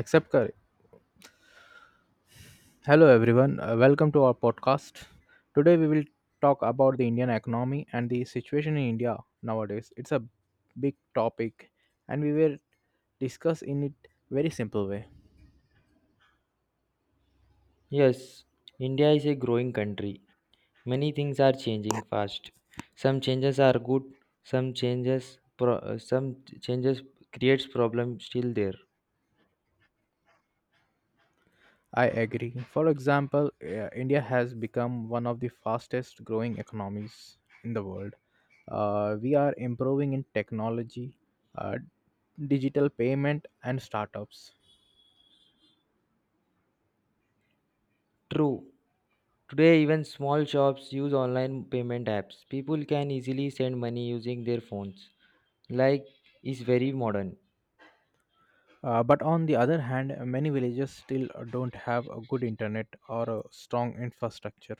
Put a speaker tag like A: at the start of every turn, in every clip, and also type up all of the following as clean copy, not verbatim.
A: Accept curry. Hello everyone, welcome to our podcast. Today we will talk about the Indian economy and the situation in India nowadays. It's a big topic and we will discuss in it very simple way.
B: Yes, India is a growing country. Many things are changing fast. Some changes are good, some changes creates problem still there.
A: I agree. For example, India has become one of the fastest growing economies in the world. We are improving in technology, uh, digital payment and startups.
B: True. Today even small shops use online payment apps. People can easily send money using their phones. Like is very modern.
A: But on the other hand, many villages still don't have a good internet or a strong infrastructure.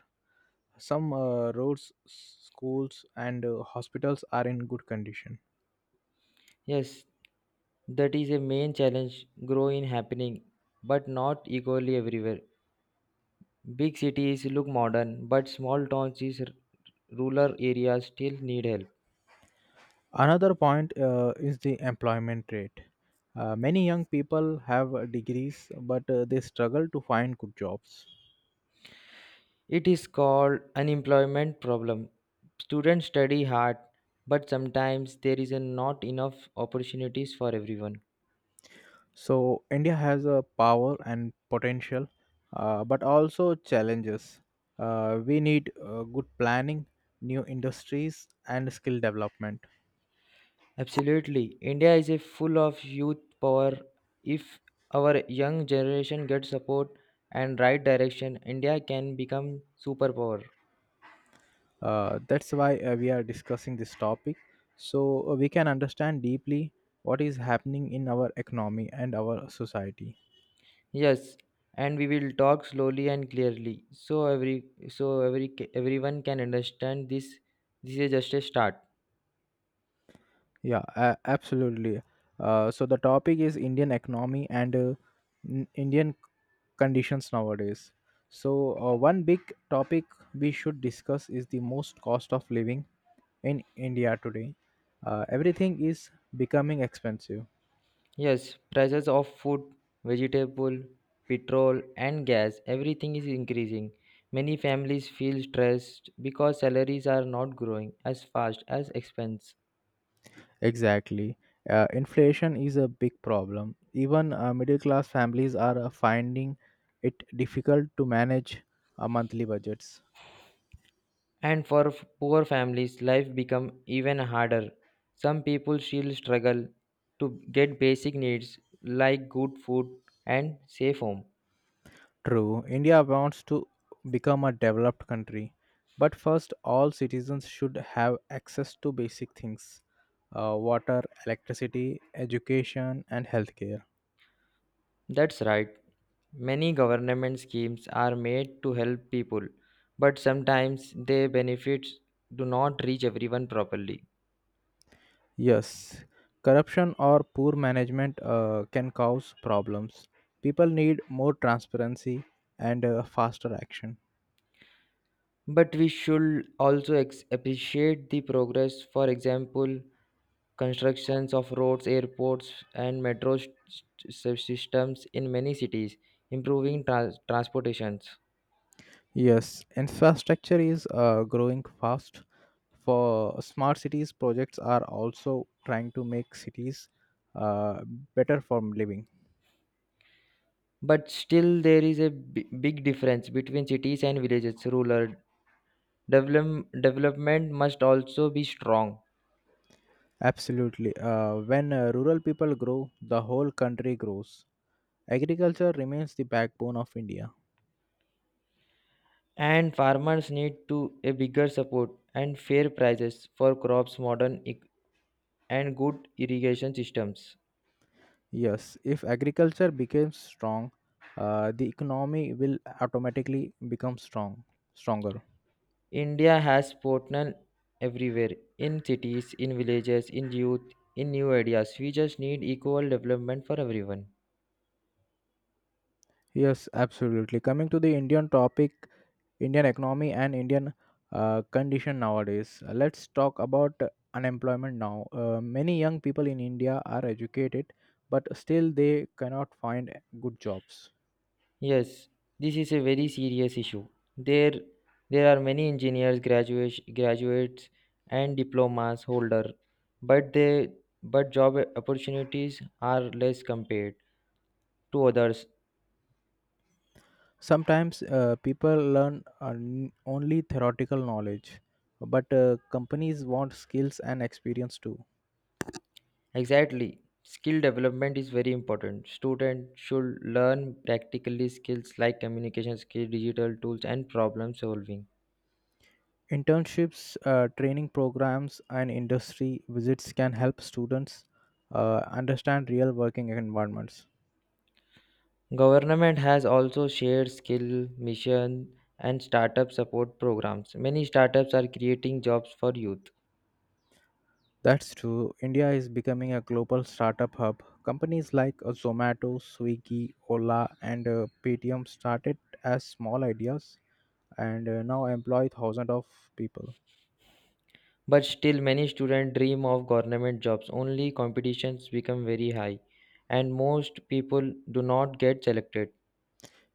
A: Some roads, schools, and hospitals are in good condition.
B: Yes, that is a main challenge grow in happening but not equally everywhere. Big cities look modern but small towns is rural areas still need help.
A: Another point is the employment rate. Many young people have degrees, but they struggle to find good jobs.
B: It is called unemployment problem. Students study hard, but sometimes there is a not enough opportunities for everyone.
A: So, India has a power and potential, but also challenges. We need good planning, new industries, and skill development.
B: Absolutely. India is a full of youth power. If our young generation gets support and right direction, India can become superpower.
A: That's why we are discussing this topic so we can understand deeply what is happening in our economy and our society.
B: Yes, and we will talk slowly and clearly so every everyone can understand this. This is just a start.
A: Yeah, absolutely. So the topic is Indian economy and Indian conditions nowadays. So one big topic we should discuss is the most cost of living in India today. Everything is becoming expensive.
B: Yes, prices of food, vegetable, petrol and gas, everything is increasing. Many families feel stressed because salaries are not growing as fast as expense.
A: Exactly. Inflation is a big problem. Even middle class families are finding it difficult to manage monthly budgets.
B: And poor families, life become even harder. Some people still struggle to get basic needs like good food and safe home.
A: True, India wants to become a developed country, but first, all citizens should have access to basic things, water, electricity, education, and healthcare.
B: That's right. Many government schemes are made to help people, but sometimes their benefits do not reach everyone properly.
A: Yes, corruption or poor management can cause problems. People need more transparency and faster action.
B: But we should appreciate the progress, for example, constructions of roads, airports, and systems in many cities, improving transportations.
A: Yes, infrastructure is growing fast. For smart cities, projects are also trying to make cities uh, better for living.
B: But still, there is a big difference between cities and villages. Rural development must also be strong.
A: Absolutely. When rural people grow, the whole country grows. Agriculture remains the backbone of India.
B: And farmers need to a bigger support and fair prices for crops and good irrigation systems.
A: Yes, if agriculture becomes strong, the economy will automatically become strong, stronger.
B: India has potential everywhere, in cities, in villages, in youth, in new ideas. We just need equal development for everyone.
A: Yes, absolutely. Coming to the Indian topic, Indian economy and Indian condition nowadays. Let's talk about unemployment now. Many young people in India are educated, but still they cannot find good jobs.
B: Yes, this is a very serious issue. There there are many engineers, graduates, and diplomas holder, but they but job opportunities are less compared to others.
A: Sometimes people learn only theoretical knowledge, but companies want skills and experience too.
B: Exactly. Skill development is very important. Students should learn practically skills like communication skills, digital tools, and problem solving.
A: Internships, training programs, and industry visits can help students understand real working environments.
B: Government has also shared skill mission and startup support programs. Many startups are creating jobs for youth,
A: That's true. India is becoming a global startup hub. Companies like Zomato, Swiggy, Ola, and Paytm started as small ideas and now employ thousands of people.
B: but still many students dream of government jobs. Only competitions become very high, and most people do not get selected.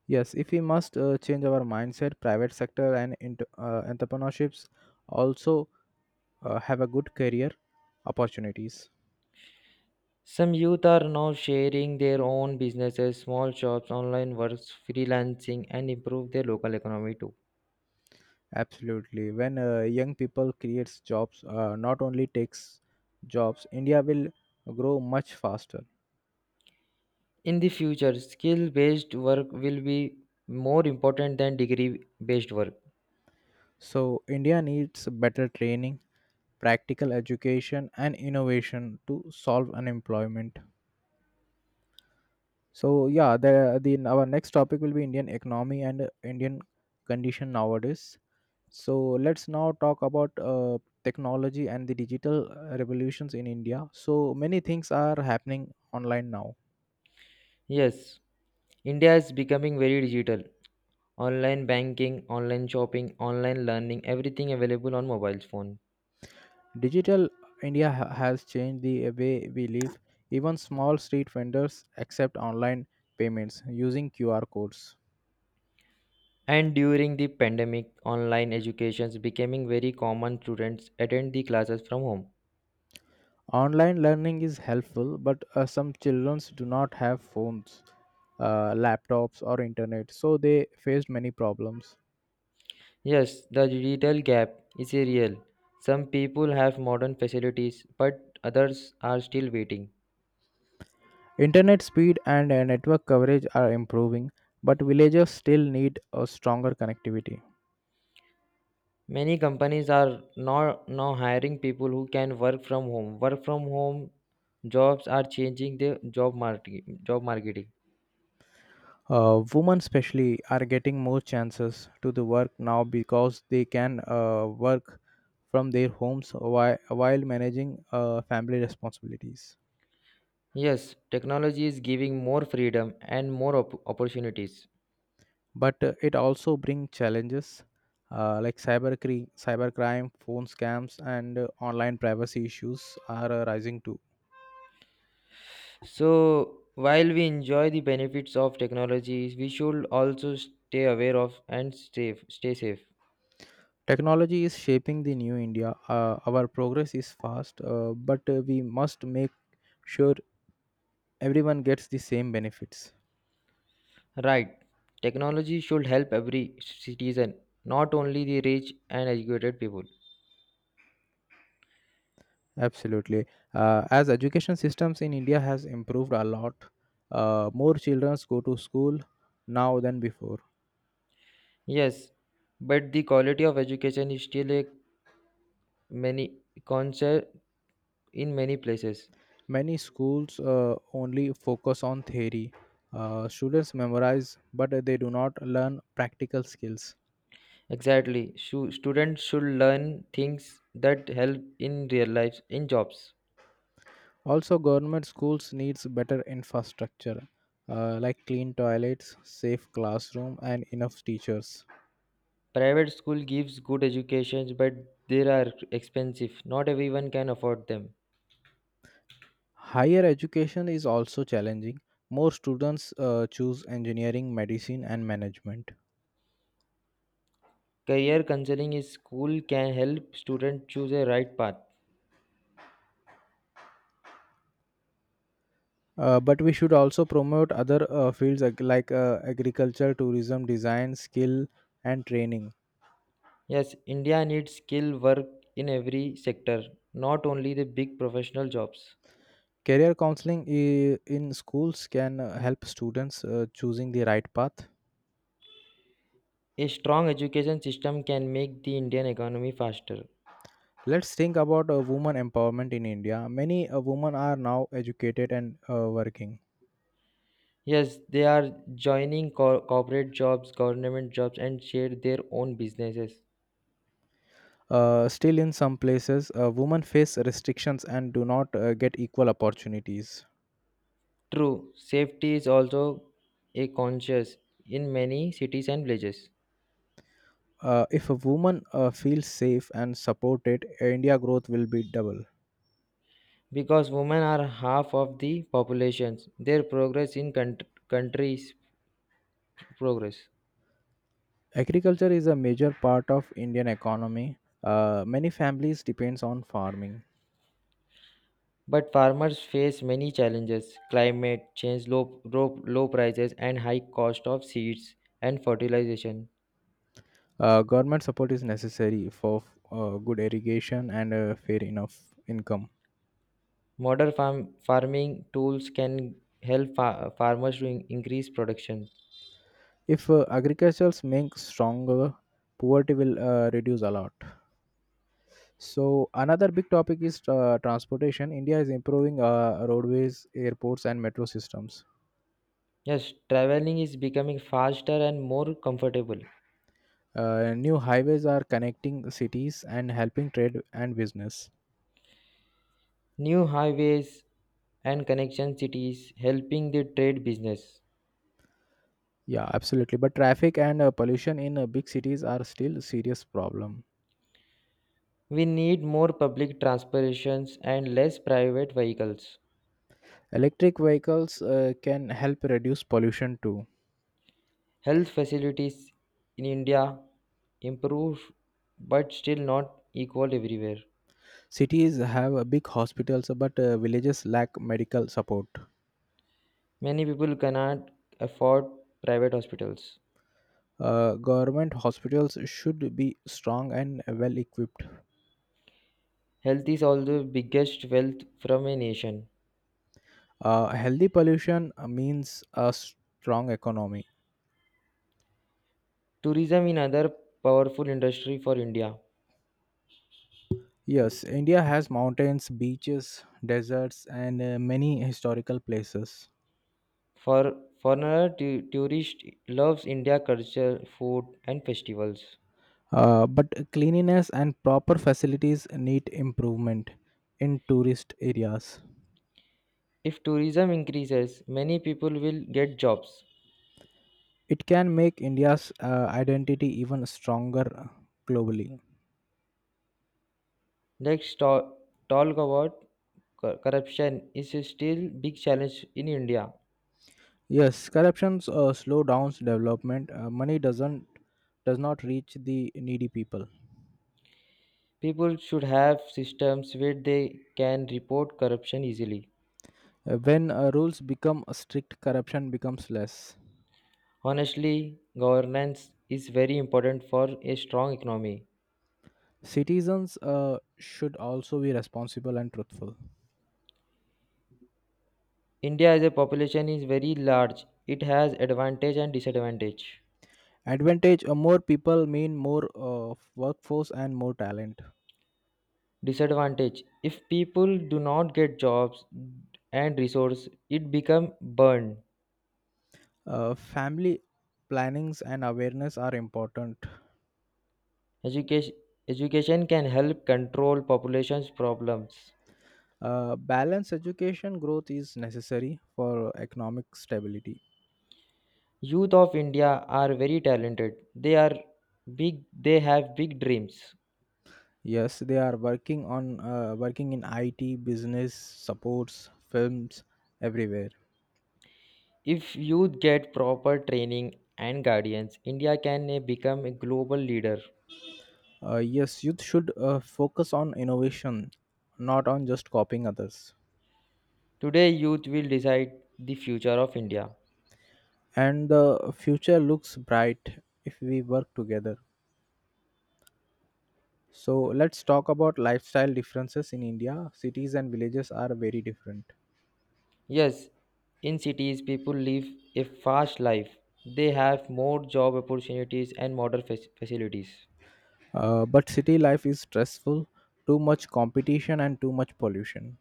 A: Yes, if we must change our mindset, private sector and entrepreneurships also have a good career opportunities.
B: Some youth are now sharing their own businesses, small shops, online works, freelancing, and improve their local economy too.
A: Absolutely. When young people creates jobs, not only takes jobs, India will grow much faster.
B: In the future, skill based work will be more important than degree based work.
A: So India needs better training, practical education, and innovation to solve unemployment. So yeah, the our next topic will be Indian economy and Indian condition nowadays. So let's now talk about technology and the digital revolutions in India. So many things are happening online now.
B: Yes, India is becoming very digital. Online banking, online shopping, online learning, everything available on mobile phone.
A: Digital India has changed the way we live. Even small street vendors accept online payments using QR codes.
B: And during the pandemic, online educations becoming very common. Students attend the classes from home.
A: Online learning is helpful, but some children do not have phones, laptops, or internet, so they faced many problems.
B: Yes, the digital gap is a real. Some people have modern facilities, but others are still waiting.
A: Internet speed and network coverage are improving, but villages still need a stronger connectivity.
B: Many companies are now hiring people who can work from home. Work from home jobs are changing the job market, job marketing.
A: Women especially are getting more chances to the work now because they can work from their homes while managing family responsibilities.
B: Yes, technology is giving more freedom and more opportunities.
A: But it also brings challenges like cybercrime, phone scams, and online privacy issues are rising too.
B: So, while we enjoy the benefits of technology, we should also stay aware of and stay safe.
A: Technology is shaping the new India. Our progress is fast, but we must make sure everyone gets the same benefits.
B: Right. Technology should help every citizen, not only the rich and educated people.
A: Absolutely. As education systems in India has improved a lot, more children go to school now than before.
B: Yes, but the quality of education is still a many concern in many places.
A: Many schools only focus on theory. Students memorize, but they do not learn practical skills.
B: Exactly. Students should learn things that help in real life in jobs.
A: Also, government schools needs better infrastructure, like clean toilets, safe classroom, and enough teachers.
B: Private school gives good educations, but they are expensive. Not everyone can afford them.
A: Higher education is also challenging. More students choose engineering, medicine, and management.
B: Career counseling in school can help students choose a right path.
A: But we should also promote other fields like agriculture, tourism, design, skill, and training.
B: Yes, India needs skilled work in every sector, not only the big professional jobs.
A: Career counseling in schools can help students choosing the right path.
B: A strong education system can make the Indian economy faster.
A: Let's think about women empowerment in India. Many women are now educated and working.
B: Yes, they are joining corporate jobs, government jobs, and share their own businesses.
A: Still, in some places, women face restrictions and do not get equal opportunities.
B: True, safety is also a conscious in many cities and villages.
A: If a woman feels safe and supported, India growth will be double.
B: Because women are half of the populations, their progress in countries progress.
A: Agriculture is a major part of Indian economy. Many families depends on farming.
B: But farmers face many challenges climate change, low prices, and high cost of seeds and fertilization.
A: Government support is necessary for good irrigation and fair enough income.
B: Farming tools can help farmers to increase production.
A: If agriculture makes stronger, poverty will reduce a lot. So another big topic is transportation. India is improving roadways, airports, and metro systems.
B: Yes, traveling is becoming faster and more comfortable.
A: New highways are connecting cities and helping trade and business.
B: New highways and connection cities helping the trade business.
A: Yeah, absolutely. But traffic and pollution in big cities are still serious problem.
B: We need more public transportations and less private vehicles.
A: Electric vehicles can help reduce pollution too.
B: Health facilities in India improve but still not equal everywhere.
A: Cities have big hospitals, but villages lack medical support.
B: Many people cannot afford private hospitals.
A: Government hospitals should be strong and well equipped.
B: Health is also the biggest wealth from a nation.
A: Healthy pollution means a strong economy.
B: Tourism is another powerful industry for India.
A: Yes, India has mountains, beaches, deserts, and many historical places.
B: For foreigner tourist loves India culture, food and festivals.
A: But cleanliness and proper facilities need improvement in tourist areas.
B: If tourism increases, many people will get jobs.
A: It can make India's identity even stronger globally.
B: Let's talk, talk about corruption is still big challenge in India.
A: Yes, corruption slow downs development. Money does not reach the needy people.
B: People should have systems where they can report corruption easily.
A: When rules become strict, corruption becomes less.
B: Honestly, governance is very important for a strong economy.
A: Citizens should also be responsible and truthful.
B: India as a population is very large. It has advantage and disadvantage.
A: Advantage: more people mean more workforce and more talent.
B: Disadvantage if people do not get jobs and resource, it become burned.
A: Family plannings and awareness are important.
B: Education, Education can help control population's problems.
A: Balanced education growth is necessary for economic stability.
B: Youth of India are very talented. They are big. They have big dreams.
A: Yes, they are working in IT, business, supports, films, everywhere.
B: If youth get proper training and guidance, India can become a global leader.
A: Yes, youth should focus on innovation, not on just copying others.
B: Today, youth will decide the future of India.
A: And the future looks bright if we work together. So let's talk about lifestyle differences in India. Cities and villages are very different.
B: Yes, in cities, people live a fast life. They have more job opportunities and modern facilities.
A: But city life is stressful, too much competition and too much pollution.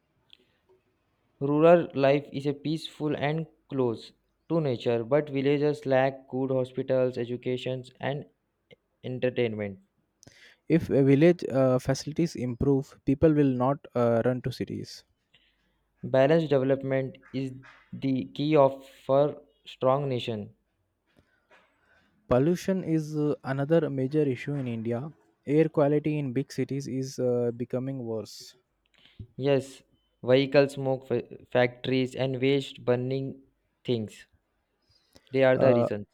B: Rural life is a peaceful and close to nature, but villages lack good hospitals, educations, and entertainment.
A: If a village facilities improve, people will not run to cities.
B: Balanced development is the key of for strong nation.
A: Pollution is another major issue in India. Air quality in big cities is becoming worse.
B: Yes, vehicle smoke fa- factories and waste burning things. They are the
A: Uh,
B: reasons.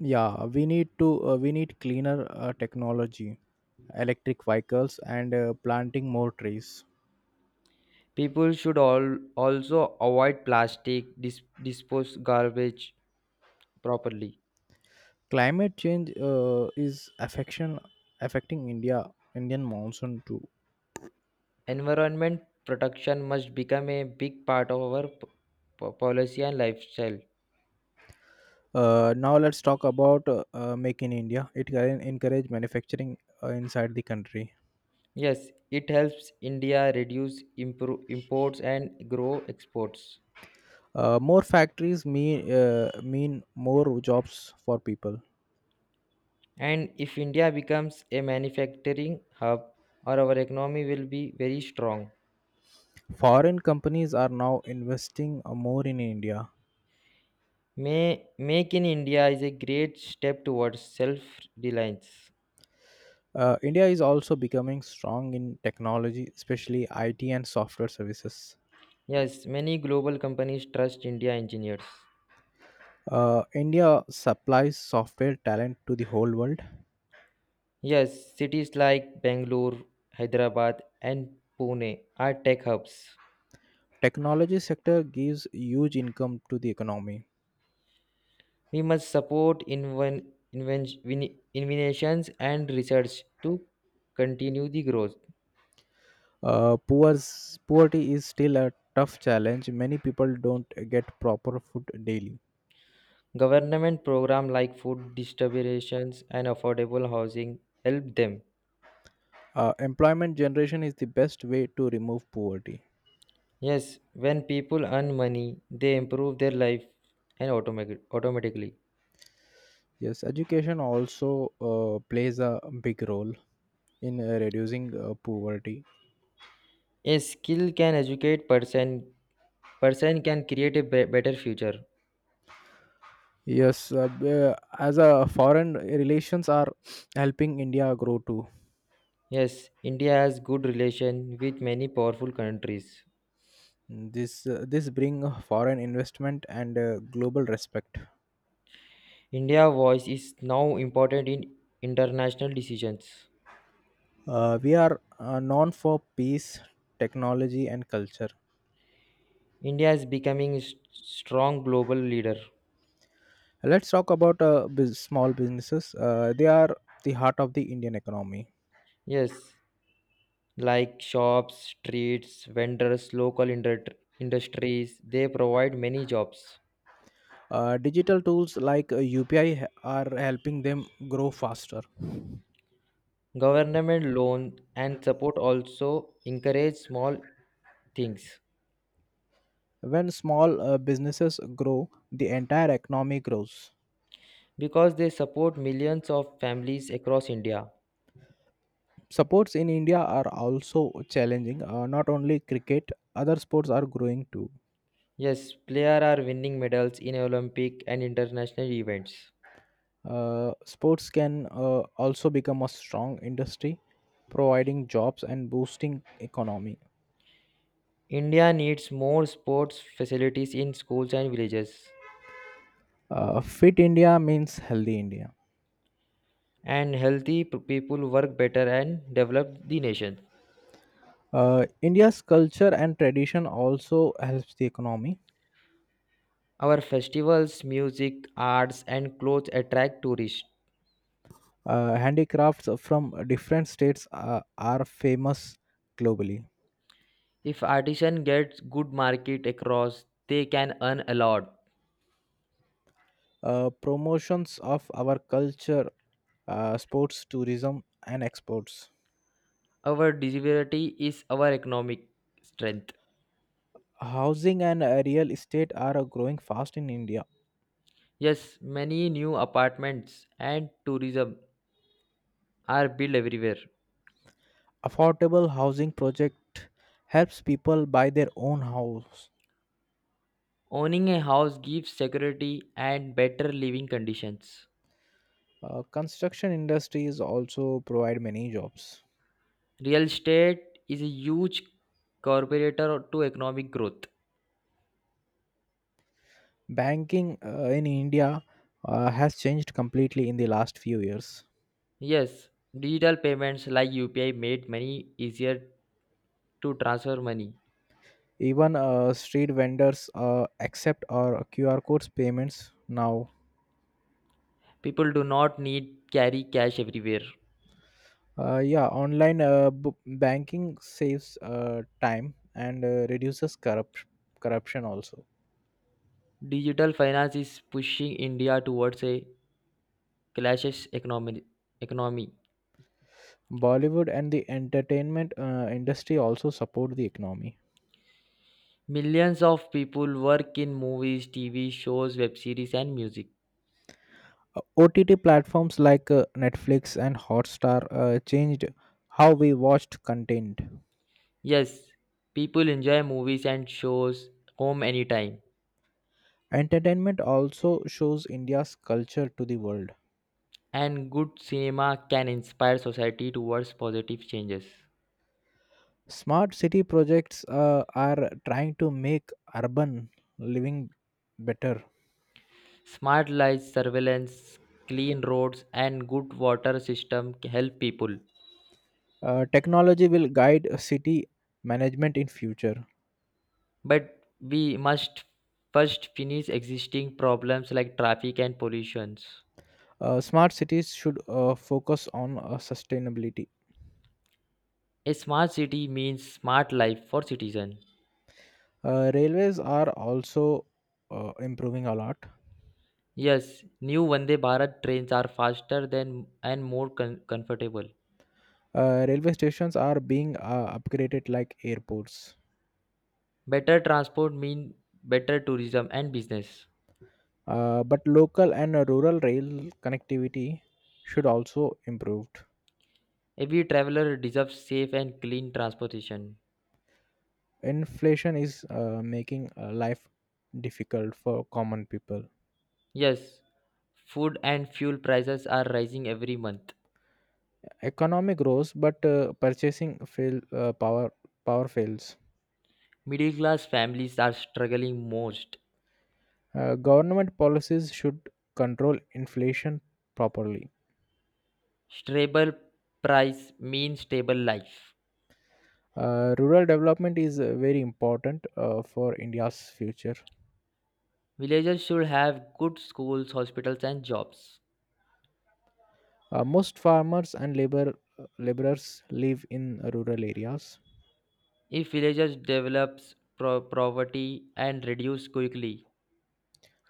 A: yeah, we need cleaner technology, electric vehicles, and planting more trees.
B: People should all also avoid plastic, dispose garbage properly.
A: Climate change is affection affecting Indian monsoon too.
B: Environment protection must become a big part of our policy and lifestyle.
A: Now let's talk about Make in India. It can encourage manufacturing inside the country.
B: Yes, it helps India reduce imports and grow exports.
A: More factories mean more jobs for people.
B: And if India becomes a manufacturing hub, or our economy will be very strong.
A: Foreign companies are now investing more in India.
B: Make in India is a great step towards self reliance.
A: India is also becoming strong in technology, especially IT and software services.
B: Yes, many global companies trust India engineers.
A: India supplies software talent to the whole world.
B: Yes, cities like Bangalore, Hyderabad, and Pune are tech hubs.
A: Technology sector gives huge income to the economy.
B: We must support innovations and research to continue the growth.
A: Uh, poor, poverty is still a tough challenge. Many people don't get proper food daily.
B: Government programs like food distributions and affordable housing help them.
A: Employment generation is the best way to remove poverty.
B: Yes, when people earn money, they improve their life and automatically.
A: Yes, education also plays a big role in reducing poverty.
B: A skill can educate person can create a better future.
A: Yes, as a foreign relations are helping India grow too.
B: Yes, India has good relation with many powerful countries.
A: This bring foreign investment and global respect.
B: India's voice is now important in international decisions.
A: We are known for peace, technology, and culture.
B: India is becoming a strong global leader.
A: Let's talk about small businesses. They are the heart of the Indian economy.
B: Yes, like shops, streets, vendors, local industries, they provide many jobs.
A: Digital tools like UPI are helping them grow faster.
B: Government loan and support also encourage small things
A: When small businesses grow, the entire economy grows.
B: because they support millions of families across India.
A: Sports in India are also challenging. Not only cricket, other sports are growing too.
B: Yes, players are winning medals in Olympic and international events.
A: Sports can also become a strong industry, providing jobs and boosting economy.
B: India needs more sports facilities in schools and villages,
A: Fit India means healthy India.
B: and healthy people work better and develop the nation.
A: India's culture and tradition also helps the economy.
B: Our festivals, music, arts, and clothes attract tourists.
A: Handicrafts from different states are famous globally.
B: If artisan gets good market across, they can earn a lot.
A: Promotions of our culture, sports, tourism, and exports.
B: Our diversity is our economic strength.
A: Housing and real estate are growing fast in India.
B: Yes, many new apartments and tourism are built everywhere.
A: Affordable housing project helps people buy their own house.
B: Owning a house gives security and better living conditions.
A: Construction industries also provide many jobs.
B: Real estate is a huge contributor to economic growth.
A: Banking in India has changed completely in the last few years.
B: Yes, digital payments like UPI made money easier to transfer money.
A: Even street vendors accept our QR codes payments now.
B: People do not need carry cash everywhere.
A: Yeah, online banking saves time and reduces corruption also.
B: Digital finance is pushing India towards a cashless economy.
A: Bollywood and the entertainment industry also support the economy.
B: Millions of people work in movies, TV shows, web series, and music.
A: OTT platforms like Netflix and Hotstar changed how we watched content.
B: Yes, people enjoy movies and shows home anytime,
A: Entertainment also shows India's culture to the world.
B: and good cinema can inspire society towards positive changes.
A: Smart city projects are trying to make urban living better.
B: Smart lights, surveillance, clean roads, and good water system help people.
A: Technology will guide city management in future.
B: But we must first finish existing problems like traffic and pollutions.
A: Smart cities should focus on sustainability.
B: A smart city means smart life for citizen.
A: Railways are also improving a lot.
B: Yes, new Vande Bharat trains are faster than and more comfortable.
A: Railway stations are being upgraded like airports.
B: Better transport mean better tourism and business.
A: But local and rural rail connectivity should also improve.
B: Every traveler deserves safe and clean transportation.
A: Inflation is making life difficult for common people.
B: Yes, food and fuel prices are rising every month.
A: Economic grows but purchasing fail power fails.
B: Middle class families are struggling most.
A: Government policies should control inflation properly.
B: Stable price means stable life.
A: Rural development is very important for India's future.
B: Villagers should have good schools, hospitals and jobs.
A: Most farmers and laborers live in rural areas.
B: If villagers develops poverty and reduce quickly,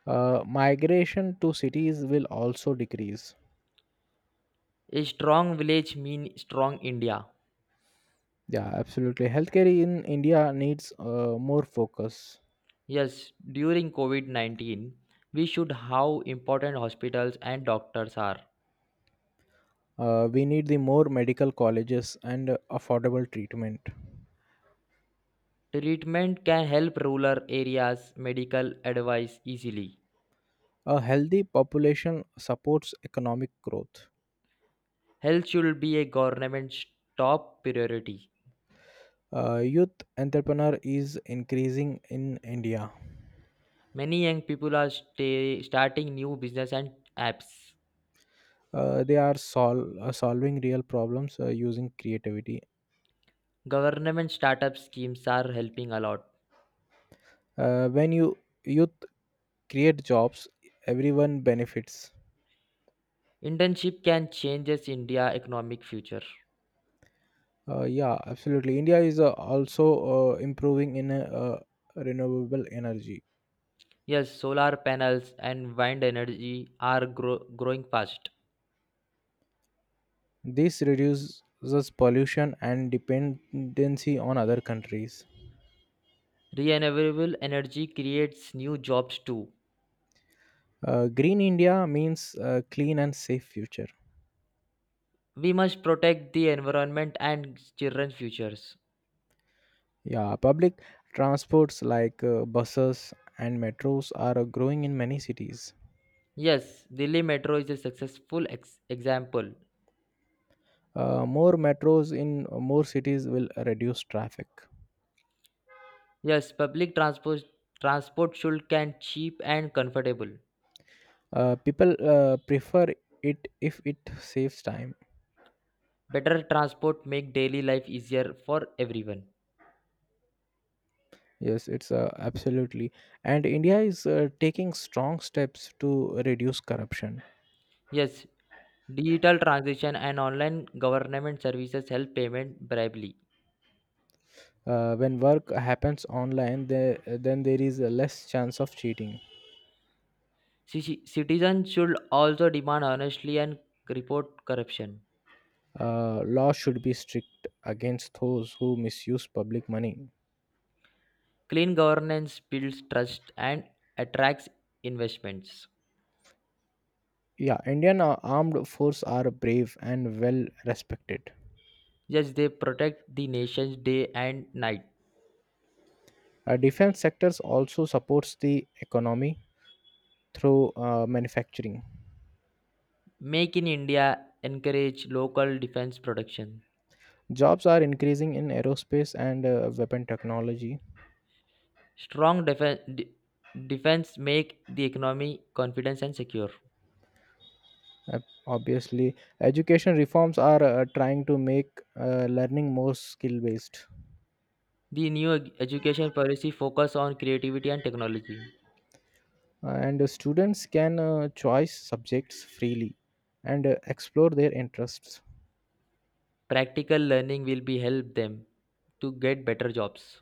A: Migration to cities will also decrease.
B: a strong village means strong India.
A: Yeah, absolutely. Healthcare in India needs more focus.
B: Yes, during COVID 19, we should how important hospitals and doctors are.
A: We need the more medical colleges and affordable treatment.
B: Treatment can help rural areas, medical advice easily.
A: A healthy population supports economic growth.
B: Health should be a government's top priority.
A: Youth entrepreneur is increasing in India.
B: Many young people are starting new business and apps.
A: They are solving real problems using creativity.
B: Government startup schemes are helping a lot.
A: When youth create jobs, everyone benefits.
B: Internship can changes India economic future.
A: Yeah, absolutely. India is also improving in renewable energy.
B: Yes, solar panels and wind energy are growing fast.
A: This reduces pollution and dependency on other countries.
B: Renewable energy creates new jobs too.
A: Green India means clean and safe future.
B: We must protect the environment and children's futures.
A: Yeah, public transports like buses and metros are growing in many cities.
B: Yes, Delhi Metro is a successful example.
A: More metros in more cities will reduce traffic.
B: Yes, public transport transport should can cheap and comfortable.
A: People prefer it if it saves time.
B: Better transport make daily life easier for everyone.
A: Yes, it's absolutely. And India is taking strong steps to reduce corruption.
B: Yes, digital transition and online government services help payment bribery.
A: When work happens online, then there is a less chance of cheating.
B: Citizens should also demand honestly and report corruption.
A: Law should be strict against those who misuse public money.
B: Clean governance builds trust and attracts investments.
A: Yeah, Indian armed force are brave and well respected.
B: Yes, they protect the nation's day and night.
A: Defense sectors also supports the economy through manufacturing.
B: Make in India encourage local defense production.
A: Jobs are increasing in aerospace and weapon technology.
B: Strong defen- de- defense make the economy confident and secure.
A: Obviously, education reforms are trying to make learning more skill based.
B: The new education policy focus on creativity and technology.
A: And students can choose subjects freely and explore their interests.
B: Practical learning will be help them to get better jobs.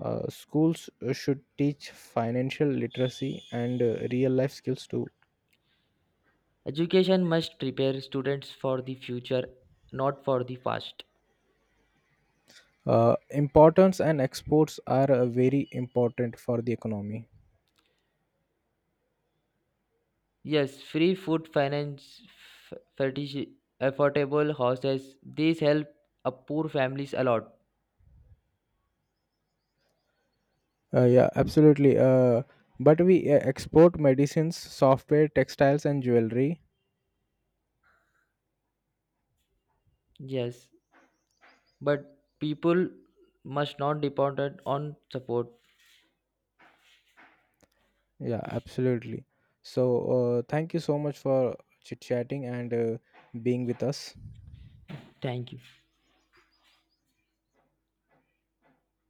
A: Schools should teach financial literacy and real life skills too.
B: Education must prepare students for the future, not for the past.
A: Importance and exports are very important for the economy.
B: Yes, free food finance, fetish, affordable houses. These help a poor families a lot.
A: Yeah, absolutely. But we export medicines, software, textiles, and jewelry.
B: Yes, but people must not depend on support.
A: Yeah, absolutely. So, thank you so much for chit chatting and being with us.
B: Thank you.